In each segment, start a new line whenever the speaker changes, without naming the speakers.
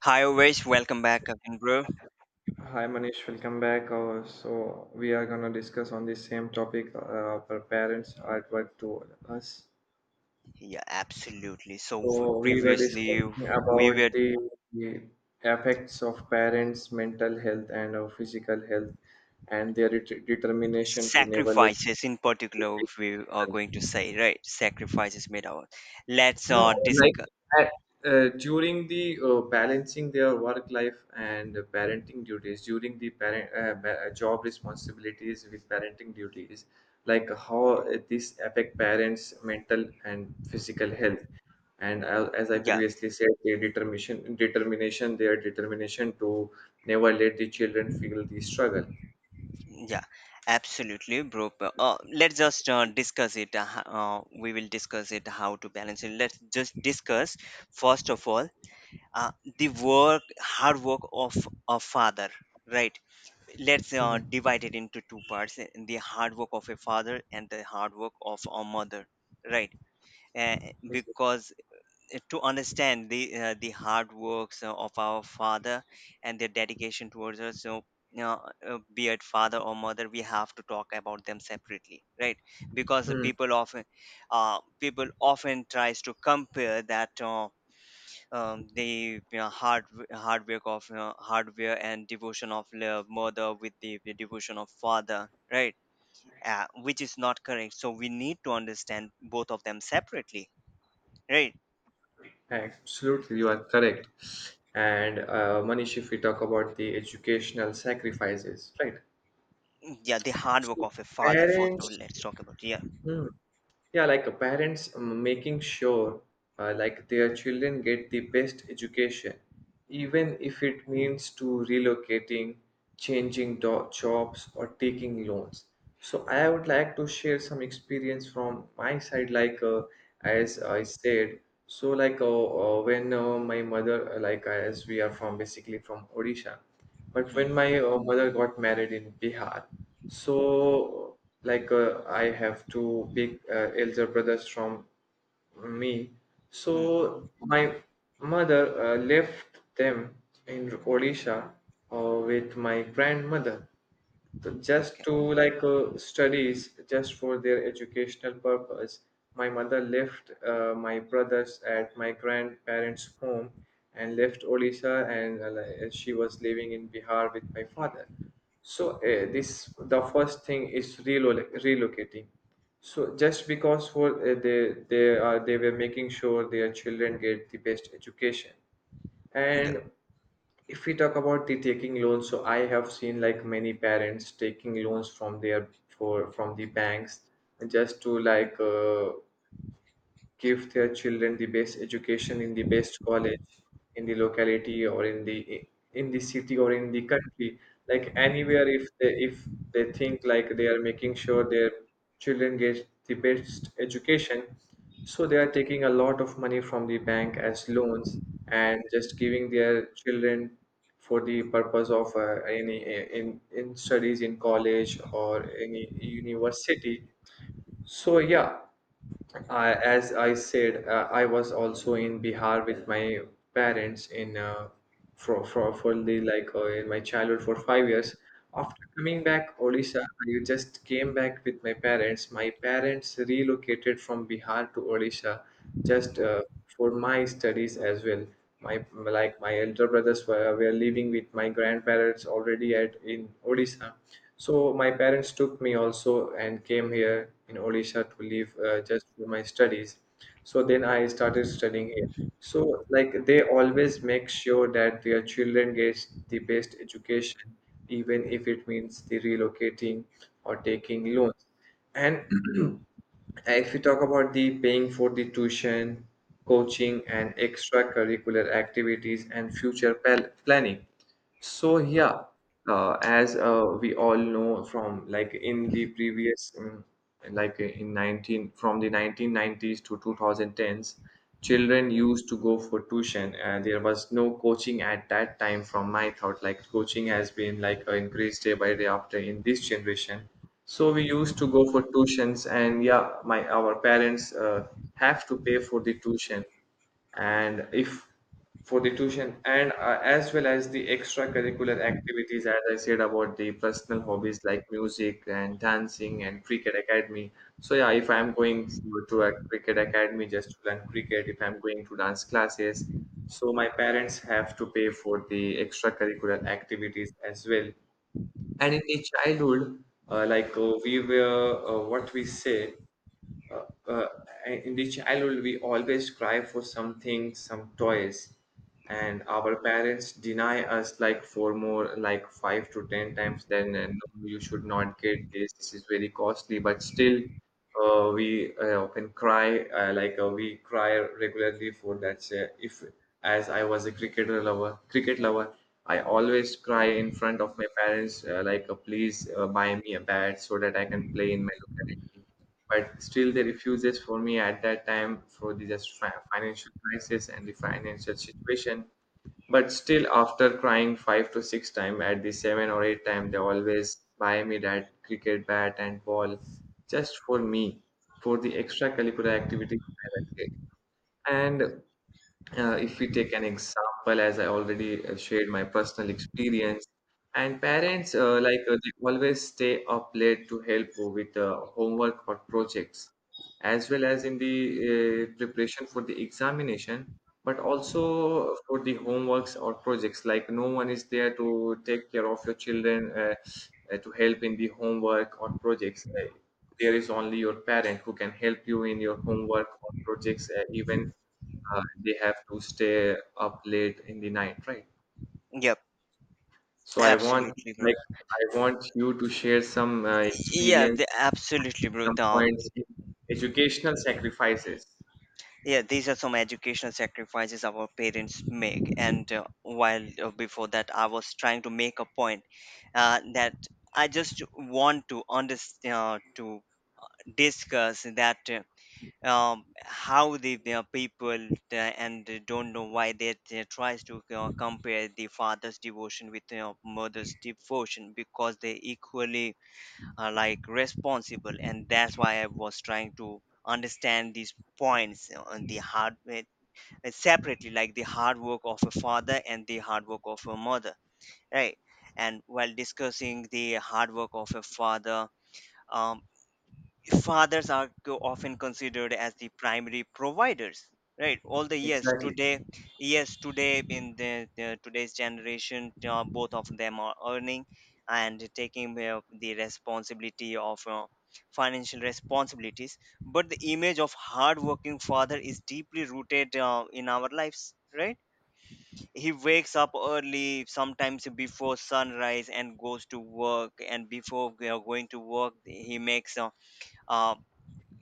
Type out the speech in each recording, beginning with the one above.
Hi, always welcome back again, bro.
Hi Manish, welcome back. So we are gonna discuss on the same topic for parents are at work to us.
Yeah, absolutely. So f-
So we were
previously
discussing
we were
about the effects of parents' mental health and physical health, and their determination to never let.
sacrifices, in particular, we are going to say right sacrifices made our. Let's
No, like
discuss.
at, during the balancing their work life and parenting duties, during the job responsibilities with parenting duties, like how this affect parents' mental and physical health. And as I
Yeah,
previously said, their determination to never let the children feel the struggle.
yeah, absolutely, bro. Let's just discuss it. We will discuss it how to balance it. Let's just discuss first of all uh, the work, hard work of a father, right? Let's
Mhm.
divide it into two parts the hard work of a father and the hard work of a mother, right. uh, because to understand the hard works of our father and their dedication towards us, so you know, be it father or mother, we have to talk about them separately, right. Because the
Mhm.
people often tries to compare that the, you know, hard work of, you know, hardware and devotion of mother with the devotion of father, right. Which is not correct, so we need to understand both of them separately, right.
Absolutely, you are correct. And Manish, if we talk about the educational sacrifices, right?
Yeah, the hard work
So
of a father, first of all
parents,
let's talk about. Yeah.
hmm, yeah, like parents making sure like their children get the best education, even if it means to relocating, changing jobs, or taking loans. So I would like to share some experience from my side. Like as I said, so like when my mother as we are from basically from Odisha, but when
Hmm.
my mother got married in Bihar, so like I have two big elder brothers from me.
Hmm.
So my mother left them in Odisha with my grandmother. So just
Okay.
to studies, just for their educational purpose, my mother left my brothers at my grandparents' home and left Odisha, and she was living in Bihar with my father. So this the first thing is relocating. So just because for they are they were making sure their children get the best education.
Yep.
And if we talk about the taking loans, so I have seen like many parents taking loans from the banks just to give their children the best education in the best college in the locality or in the city or in the country, like anywhere if they think like they are making sure their children get the best education. So they are taking a lot of money from the bank as loans and just giving their children for the purpose of any in studies in college or any university. So yeah, I, as I said, I was also in Bihar with my parents in for the like in my childhood for 5 years. After coming back Odisha, I just came back with my parents. My parents relocated from Bihar to Odisha, just for my studies as well. My like my elder brothers were living with my grandparents already at in Odisha, so my parents took me also and came here in Odisha to live just for my studies. So then I started studying here. So like they always make sure that their children gets the best education, even if it means the relocating or taking loans. And if we talk about the paying for the tuition, coaching, and extracurricular activities and planning, so yeah, as we all know from like in the previous, um, like uh, in 19 from the 1990s to 2010s, children used to go for tuition, and there was no coaching at that time. From my thought, like coaching has been increased day by day after in this generation. So we used to go for tuitions, and yeah, my our parents have to pay for the tuition, and if for the tuition and as well as the extracurricular activities, as I said, about the personal hobbies like music and dancing and cricket academy. So yeah, if I'm going to a cricket academy just to learn cricket, if I'm going to dance classes, so my parents have to pay for the extracurricular activities as well. And in the childhood, we were what we say uh, uh, in the childhood, we always cry for something, some toys, and our parents deny us like for more like five to ten times. Then no, you should not get this, this is very costly. But still, we often cry, like we cry regularly for that. If As I was a cricket lover, I always cry in front of my parents, please, buy me a bat so that I can play in my locality. But still the refuses for me at that time for the just financial crisis and the financial situation. But still, after crying five to six time, at the seven or eight time, they always buy me that cricket bat and ball just for me, for the extracurricular activities that I did. And if we take an example, as I already shared my personal experience, and parents they always stay up late to help with homework or projects, as well as in the preparation for the examination, but also for the homeworks or projects. Like no one is there to take care of your children to help in the homework or projects. There is only your parent who can help you in your homework or projects, even they have to stay up late in the night, right?
Yep,
So I want
absolutely, bro.
like I want you to share some
Yeah,
experience,
absolutely, bro.
some points in educational sacrifices.
Yeah, these are some educational sacrifices our parents make. And while before that I was trying to make a point that I just want to understand to discuss that, how the people, and they don't know why, they tries to compare the father's devotion with mother's devotion, because they equally are like responsible. And that's why I was trying to understand these points you on the hard like, separately, like the hard work of a father and the hard work of a mother, right? And while discussing the hard work of a father, um, fathers are often considered as the primary providers, right? All the years
Exactly.
today, yes, today in the today's generation, both of them are earning and taking the responsibility of financial responsibilities. But the image of hardworking father is deeply rooted in our lives, right. He wakes up early, sometimes before sunrise, and goes to work. And before we are going to work, he makes uh,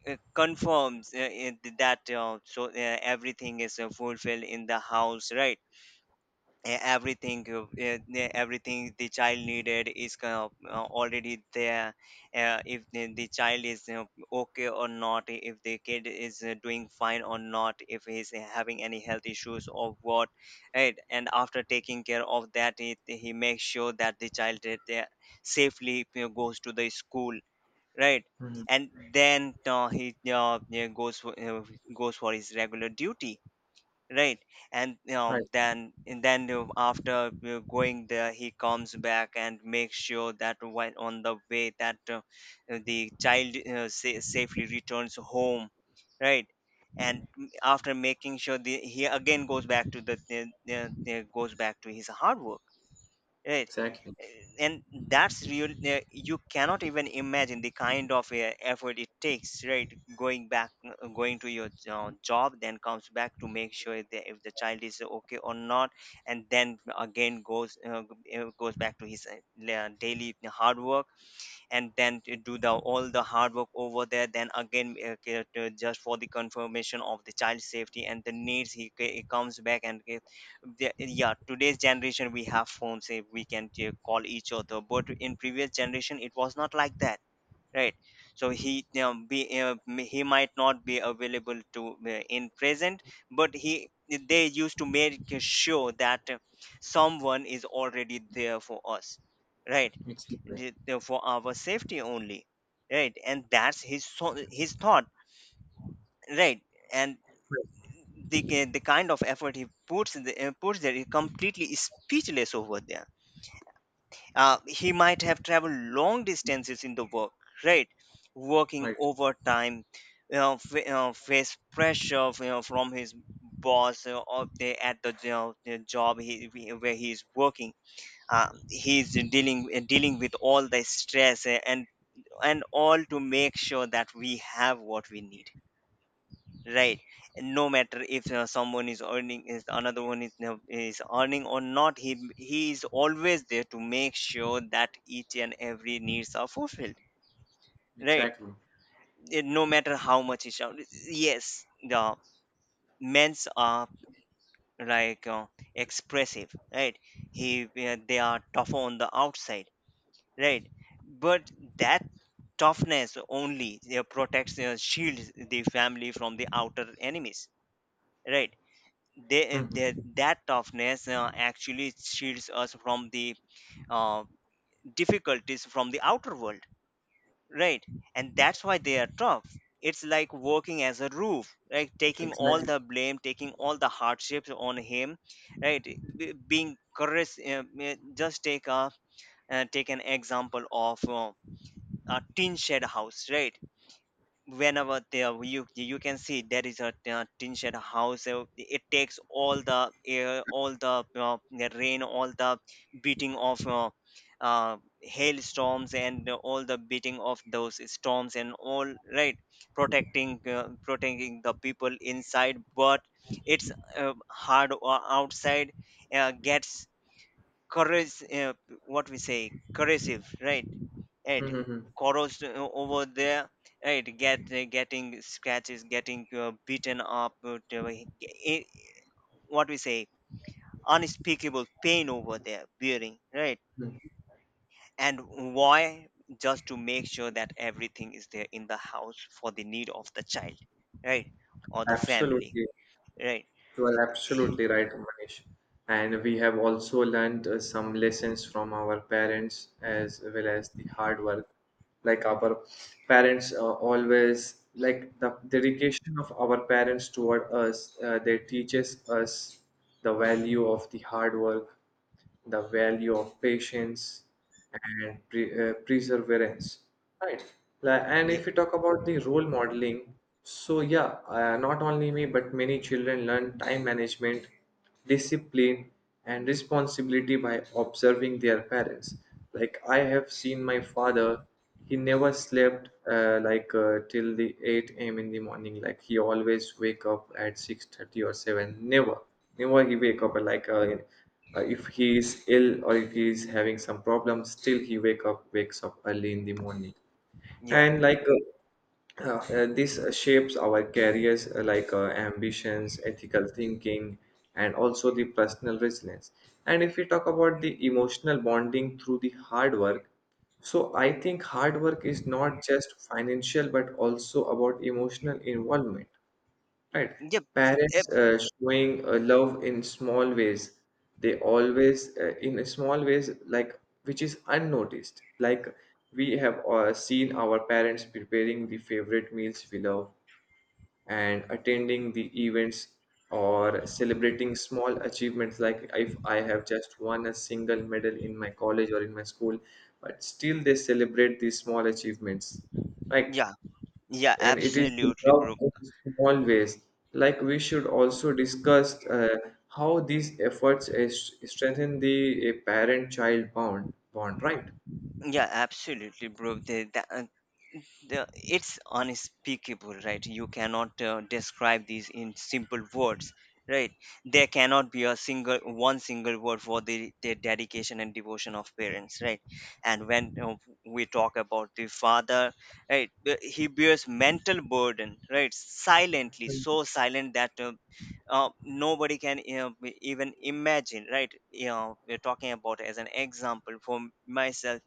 confirms that, everything is fulfilled in the house, right. Everything everything the child needed is kind of, already there. If the child is you okay or not, if the kid is doing fine or not, if he's having any health issues or what, right. And after taking care of that, he makes sure that the child, that they safely, you know, goes to the school, right.
Mhm.
And then he yeah, goes for, goes for his regular duty, right. And
Right.
then, and then after you going there, he comes back and makes sure that when on the way that the child safely returns home, right. And after making sure he again goes back to goes back to his hard work, right.
Exactly.
And that's real. You cannot even imagine the kind of effort it takes, right. Going back, going to your job, then comes back to make sure that if the child is okay or not, and then again goes goes back to his daily hard work. And then to do the all the hard work over there, then again just for the confirmation of the child safety and the needs, he comes back and yeah, today's generation we have phones, eh, we can call each other, but in previous generation it was not like that, right. So he, you know, he might not be available to in present, but he they used to make sure that someone is already there for us, right.
Exactly.
For our safety only, right. And that's his thought, right. And the kind of effort he puts in the, puts there is completely speechless over there. He might have traveled long distances in the work, right. Working
Right.
overtime, you know, face pressure, you know, from his boss or they at the the job he, where he is working. He's dealing with all the stress, and all, to make sure that we have what we need, right. And no matter if someone is earning is another one is is earning or not, he is always there to make sure that each and every needs are fulfilled, right.
Exactly.
Eh, no matter how much is out, yes, the men's are like expressive, right. They are tougher on the outside, right. But that toughness only you protects, you shields the family from the outer enemies, right. they, eh,
Hmm.
they, that toughness actually shields us from the uh, difficulties, from the outer world, right. And that's why they are tough. It's like working as a roof, right, taking all
Exactly.
the blame, taking all the hardships on him, right. Being courage. Just take a, take an example of a tin shed house, right. Whenever there, you can see there is a tin shed house, it takes all the air, all the rain, all the beating of uh, hailstorms and all the beating of those storms and all, right. Protecting, protecting the people inside. But it's hard outside gets corrosive, what we say, corrosive, right, right.
Hmm.
Corrodes over there, right. Get, getting scratches, getting beaten up, i- what we say, unspeakable pain over there bearing, right. And why? Just to make sure that everything is there in the house for the need of the child, right, or the family,
Absolutely.
right.
You are absolutely right, Manish. And we have also learned some lessons from our parents as well as the hard work. Like our parents always, like the dedication of our parents toward us, they teaches us the value of the hard work, the value of patience and perseverance, right? Like, and
Yep.
if you talk about the role modeling, so yeah, not only me but many children learn time management, discipline, and responsibility by observing their parents. Like I have seen my father, he never slept till the 8 a.m in the morning. Like he always wake up at 6:30 or 7. Never never he wake up at if he is ill or if he is having some problem, still he wakes up early in the morning.
Yeah.
And uh, uh, this shapes our careers, ambitions, ethical thinking, and also the personal resilience. And if we talk about the emotional bonding through the hard work, so I think hard work is not just financial but also about emotional involvement. Right.
Yep. Yep.
Parents showing love in small ways. They always, in small ways, like, which is unnoticed. Like we have seen our parents preparing the favorite meals we love and attending the events or celebrating small achievements. Like if I have just won a single medal in my college or in my school, but still they celebrate these small achievements. Right.
Yeah. Yeah,
And it is
absolutely,
developed
bro.
in small ways. Like we should also discuss how these efforts strengthen the parent-child bond, right?
Yeah, absolutely, bro. It's unspeakable, right. You cannot describe these in simple words, right. There cannot be a single one single word for the dedication and devotion of parents, right. And when we talk about the father, right, he bears mental burden, right, silently,
Mm.
so silent that nobody can even imagine, right. You know, we're talking about as an example for myself,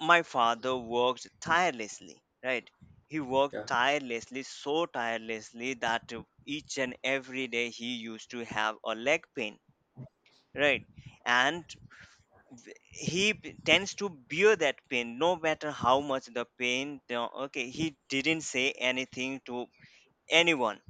my father worked tirelessly, right. He worked
Yeah,
tirelessly, so tirelessly that each and every day he used to have a leg pain, right. And tends to bear that pain, no matter how much the pain, you okay, he didn't say anything to anyone,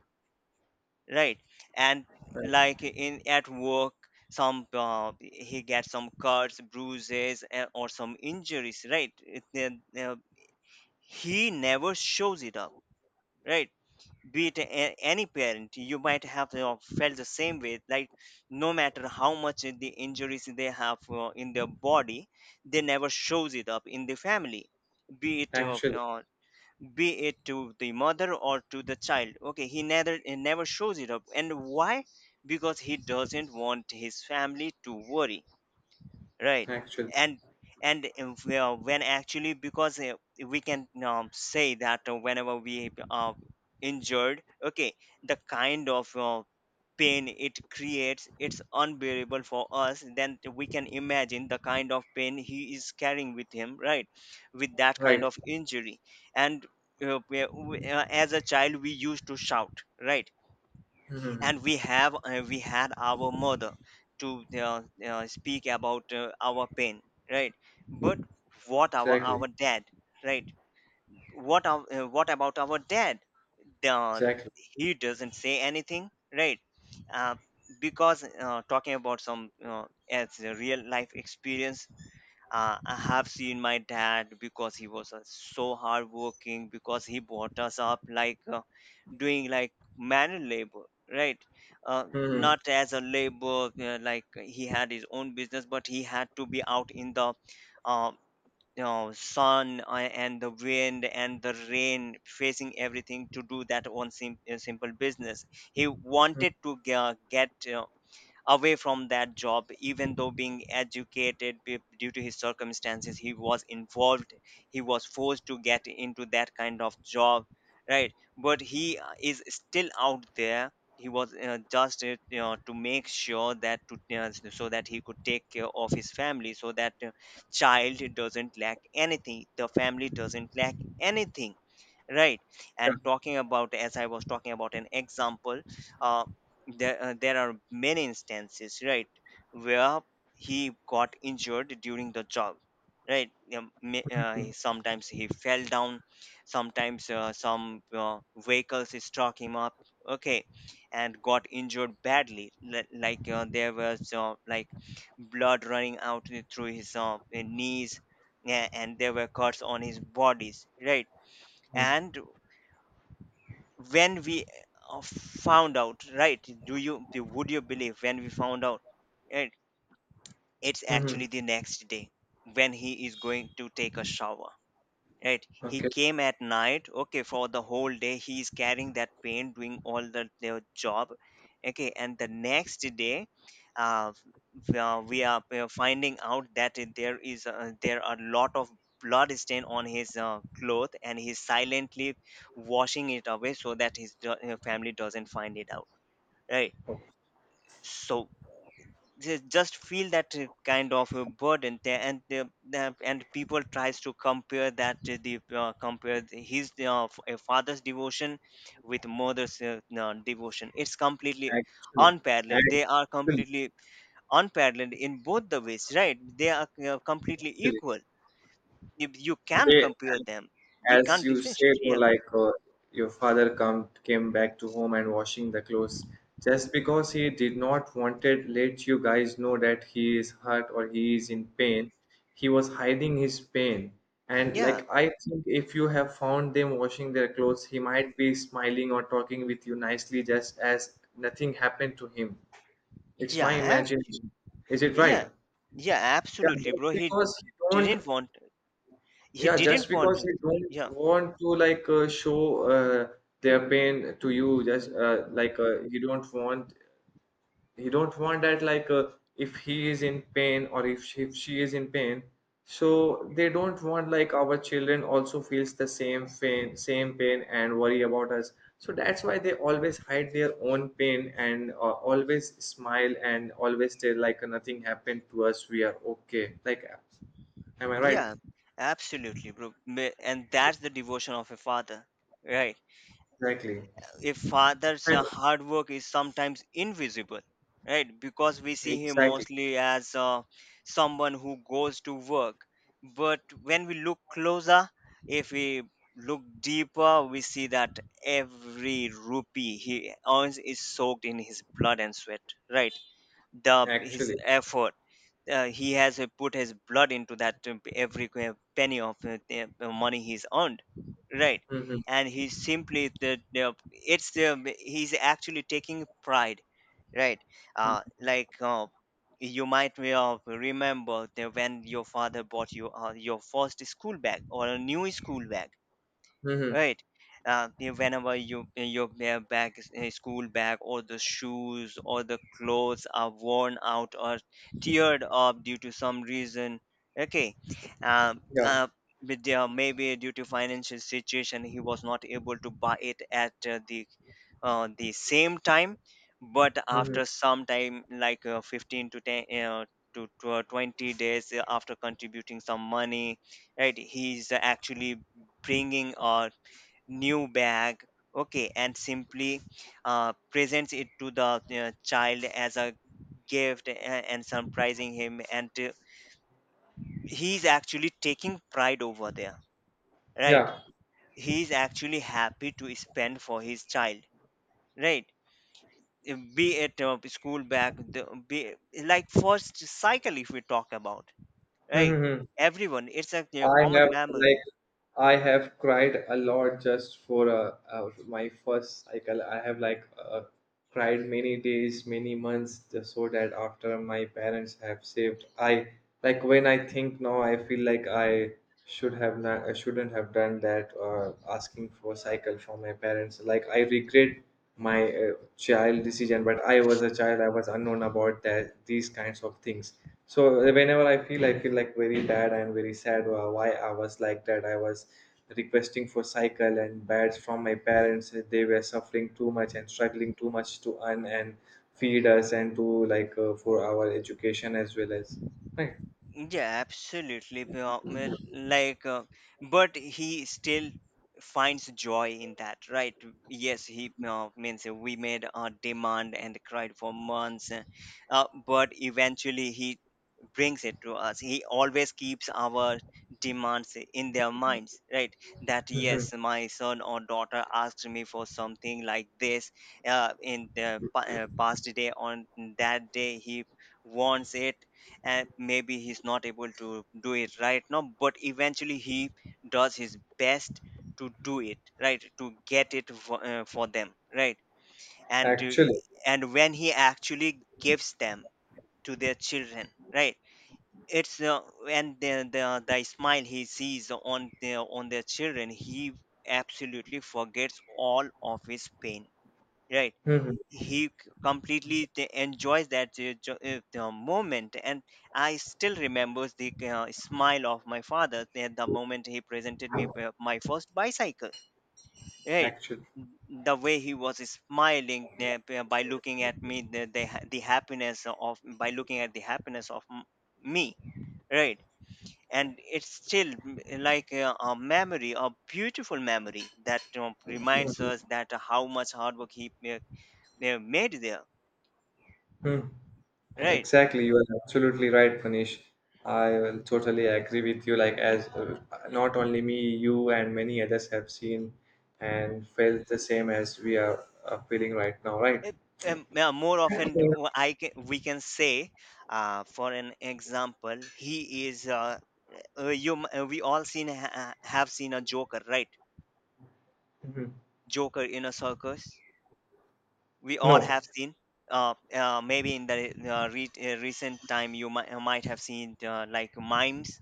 right. And
right.
like in at work, some, he gets some cuts, bruises or some injuries, right. Uh, uh, he never shows it up, right. Be it any parent, you might have you felt the same way, like no matter how much the injuries they have in their body, they never shows it up in the family. Be it
Actually,
be it to the mother or to the child, okay, he never shows it up. And why? Because he doesn't want his family to worry, right.
actually,
and and if, when actually, because we can say that whenever we are injured, okay, the kind of pain it creates, it's unbearable for us, then we can imagine the kind of pain he is carrying with him, right, with that
right.
kind of injury. And as a child we used to shout, right.
Hmm.
And we had our mother to speak about our pain, right. But what
Exactly,
our dad, right, what our, what about our dad, the,
exactly.
he doesn't say anything, right. uh, because, talking about some, as a real life experience, I have seen my dad. Because he was so hardworking, because he brought us up like, doing like manual labor, right?
Hmm.
Not as a labor, like he had his own business, but he had to be out in the uh, you know, sun, and the wind and the rain, facing everything to do that simple business. He wanted to get. Away from that job, even though being educated, due to his circumstances he was involved, he was forced to get into that kind of job, right? But he is still out there. He was just to make sure that to so that he could take care of his family, so that child doesn't lack anything, the family doesn't lack anything, right? And talking about, as I was talking about an example, uh, there, there are many instances, right, where he got injured during the job, right.
Yeah.
Sometimes he fell down, sometimes some vehicles struck him up, okay, and got injured badly, like there was like blood running out through his knees. Yeah, and there were cuts on his bodies, right. And when we found out, right, do you, would you believe, when we found out, right, it's
Hmm.
actually the next day when he is going to take a shower. Right. He
Okay.
came at night, okay, for the whole day he is carrying that pain, doing all the their job. Okay, and the next day, uh, we are finding out that there is there are a lot of blood stain on his cloth, and he's silently washing it away so that his family doesn't find it out. Right.
Okay.
So they just feel that kind of a burden there, and and people tries to compare that to the his a father's devotion with mother's devotion. It's completely
Actually,
unparalleled, they are
actually,
completely unparalleled in both the ways, right, they are completely
actually.
equal. You can
They,
compare them, you
as
can't
you said,
differentiate.
you know,
Yeah,
like your father come came back to home and washing the clothes. Just because he did not wanted let you guys know that he is hurt or he is in pain, he was hiding his pain. And
yeah,
like I think if you have found them washing their clothes, he might be smiling or talking with you nicely just as nothing happened to him. It's my
yeah,
imagination.
absolutely.
Is it right?
Yeah, yeah,
Yeah,
absolutely,
just
bro. he
because he don't,
didn't want he
yeah, just
didn't
because
want
they don't
Yeah.
want to show their pain to you, just you don't want he don't want that like if he is in pain or if she is in pain, so they don't want like our children also feels the same pain, same pain, and worry about us. So that's why they always hide their own pain and always smile and always say like nothing happened to us, we are okay. Like, am I right?
Yeah, absolutely, bro. And that's the devotion of a father, right?
Exactly.
A father's
And.
hard work is sometimes invisible, right? Because we see him
Exactly,
mostly as someone who goes to work. But when we look closer, if we look deeper, we see that every rupee he earns is soaked in his blood and sweat, right? The his
actually.
effort, he has put his blood into that, every penny of the money he's earned, right.
Mm-hmm.
And he simply, the it's the he's actually taking pride, right. uh
Mm-hmm.
like uh, you might, may of remember that when your father bought you your first school bag or a new school bag,
Mm-hmm.
right. Whenever you, your bag, school bag or the shoes or the clothes are worn out or teared up due to some reason, okay, um,
Yeah.
uh, with their, maybe due to financial situation, he was not able to buy it at the same time. But
Mm-hmm.
after some time, like 15 to 10, 20 days, after contributing some money, right, he's actually bringing or new bag, okay, and simply presents it to the child as a gift, and surprising him, and he's actually taking pride over there, right.
Yeah.
He's actually happy to spend for his child, right. Be it school bag, be like first cycle, if we talk about, right,
Mm-hmm.
everyone, it's a, you know,
I have
common
like
memory.
I have cried a lot just for my first cycle. I have cried many days, many months, just so that after my parents have saved, I like when I think now, I feel like I should have not, I shouldn't have done that, asking for cycle from my parents. Like I regret my child decision, but I was a child. I was unknown about that these kinds of things, so whenever I feel like very bad and very sad, why I was like that. I was requesting for cycle and beds from my parents. Eh, they were suffering too much and struggling too much to earn and feed us and to like for our education as well as right.
Yeah, absolutely. Like, but he still finds joy in that, right? Yes, he, means we made a demand and cried for months, but eventually he brings it to us. He always keeps our demands in their minds, right, that yes, my son or daughter asked me for something like this in the past day. On that day he wants it, and maybe he's not able to do it right now, but eventually he does his best to do it, right, to get it for them, right. and to,
Actually.
and when he actually gives them to their children, right, it's and the smile he sees on their, on their children, he absolutely forgets all of his pain, right.
Hmm.
He completely enjoys that the moment. And I still remembers the smile of my father at the moment he presented me, my first bicycle, right.
Actually.
The way he was smiling, by looking at me, the happiness of, by looking at the happiness of me, right. And it's still like a memory, a beautiful memory that reminds us that how much hard work he made there,
Hmm.
right.
Exactly, you are absolutely right, Manish. I will totally agree with you. Like, as not only me, you and many others have seen and felt the same as we are feeling right now, right?
It- yeah, more often, d-
Yeah.
w- I can we can say, for an example, he is you we all seen, have seen a joker, right,
Mhm.
joker in a circus, we all
No,
have seen. Maybe in the recent time you might have seen, like mimes,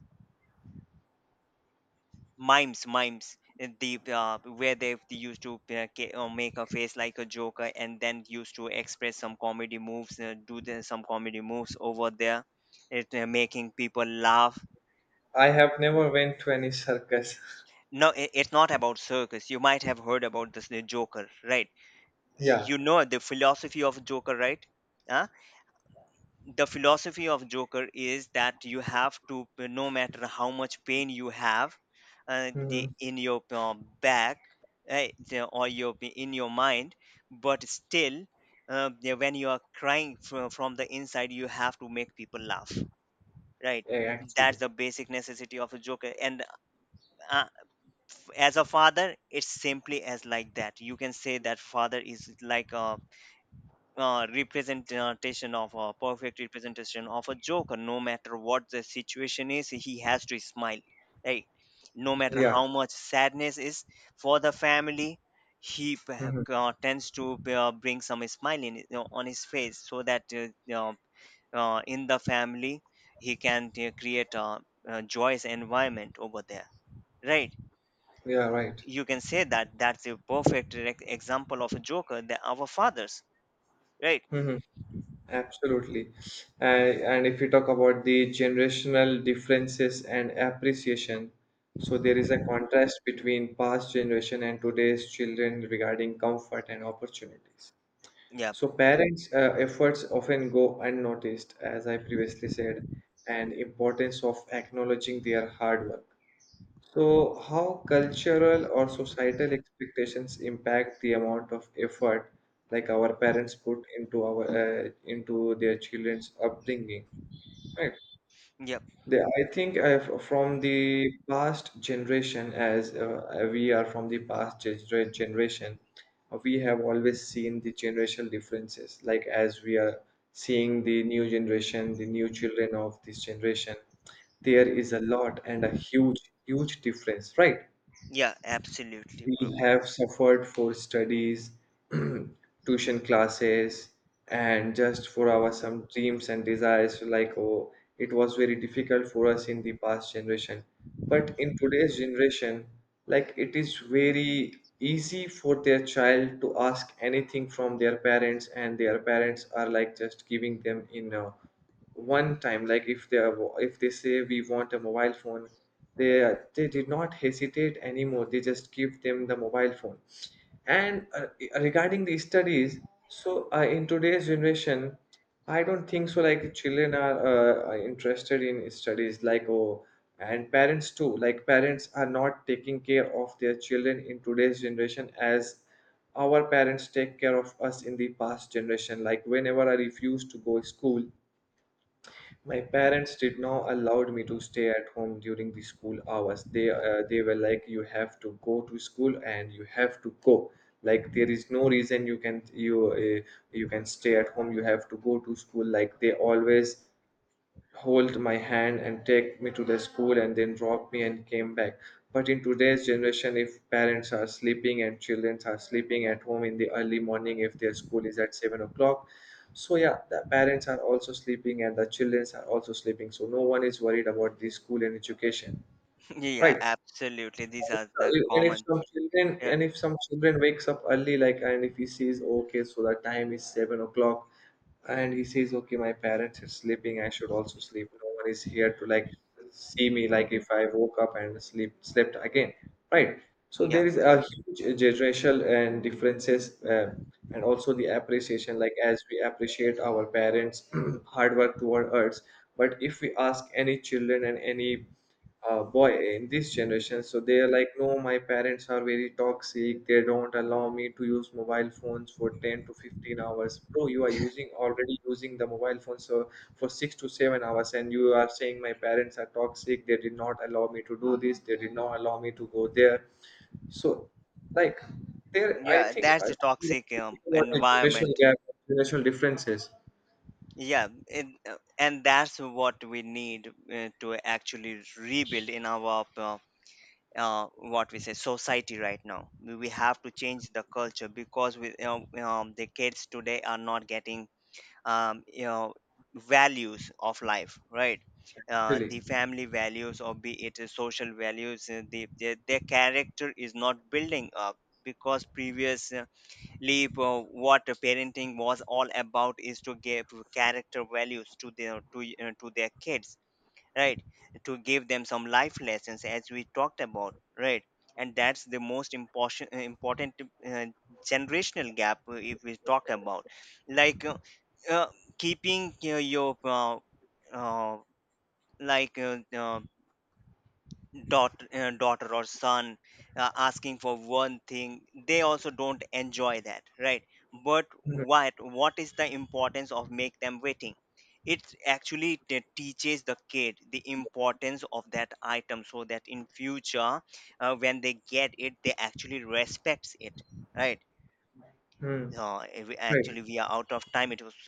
mimes, the where they used to make a face like a joker and then used to express some comedy moves, some comedy moves over there, it making people laugh.
I have never went to any circus.
No, I it's not about circus, you might have heard about this, the joker, right.
Yeah.
You know the philosophy of joker, right? Huh? The philosophy of joker is that you have to, no matter how much pain you have,
Hmm.
in your back, or your, in your mind, but still, when you are crying from the inside, you have to make people laugh, right.
Yeah,
That's
actually.
the basic necessity of a joker. And uh, as a father, it's simply as like that. You can say that father is like a representation of a perfect representation of a joker. No matter what the situation is, he has to smile, right. No matter
Yeah.
how much sadness is for the family, he p-
Hmm.
tends to bring some smile in, you know, on his face, so that, you know, in the family he can create a joyous environment over there, right.
Yeah, right.
You can say that that's a perfect direct example of a joker, that our fathers, right.
Mhm. Absolutely. And if we talk about the generational differences and appreciation, so there is a contrast between past generation and today's children regarding comfort and opportunities.
Yeah,
So parents' efforts often go unnoticed, as I previously said, and importance of acknowledging their hard work. So how cultural or societal expectations impact the amount of effort like our parents put into our into their children's upbringing, right?
yeah.
They, I think from the past generation, as we are from the past generation, we have always seen the generational differences. Like as we are seeing the new generation, the new children of this generation, there is a lot and a huge, huge difference, right?
Yeah, absolutely,
We
bro.
have suffered for studies, tuition classes, and just for our some dreams and desires. Like, oh, it was very difficult for us in the past generation. But in today's generation, like, it is very easy for their child to ask anything from their parents, and their parents are like just giving them in. One time, like if they are if they say we want a mobile phone, they did not hesitate anymore, they just give them the mobile phone. And regarding the studies, so in today's generation, I don't think so like children are interested in studies, like, oh, and parents too. Like parents are not taking care of their children in today's generation as our parents take care of us in the past generation. Like whenever I refused to go school, my parents did not allowed me to stay at home during the school hours. They were like, you have to go to school and you have to go. Like there is no reason you can you uh, you can stay at home. You have to go to school. Like they always hold my hand and take me to the school and then drop me and came back. But in today's generation, if parents are sleeping and children are sleeping at home in the early morning, if their school is at 7 o'clock, so yeah, the parents are also sleeping and the children are also sleeping, so no one is worried about the school and education.
Yeah,
Right.
absolutely. These are the
So, and if
common.
some children,
Yeah,
and if some children wakes up early, like, and if he sees, okay, so the time is 7 o'clock, and he says, okay, my parents are sleeping, I should also sleep. No one is here to like see me like if I woke up and sleep slept again. Right. So
yeah,
there is a huge generational and differences, and also the appreciation, like as we appreciate our parents hard work toward us. But if we ask any children and any boy in this generation, so they are like, no, my parents are very toxic, they don't allow me to use mobile phones for 10 to 15 hours. Bro, you are using, already using the mobile phone so for 6 to 7 hours, and you are saying my parents are toxic, they did not allow me to do this, they did not allow me to go there. So, like, there I
yeah.
think
That's
i
the toxic
think about the generational
environment.
gap, generational differences.
Yeah, it, and that's what we need to actually rebuild in our what we say society right now. We have to change the culture, because we, the kids today are not getting, you know, values of life, right.
Really.
The family values, or be it a social values, their character is not building up. Because previously, what a parenting was all about is to give character values to their, to their kids, right. To give them some life lessons, as we talked about, right. And that's the most important generational gap, if we talk about, like uh, uh, keeping your uh, like uh, uh, daughter, daughter or son asking for one thing, they also don't enjoy that, right. But
Mhm.
what is the importance of make them waiting? It actually teaches the kid the importance of that item, so that in future, when they get it, they actually respects it, right.
Hmm.
So if we,
Right.
actually we are out of time, it was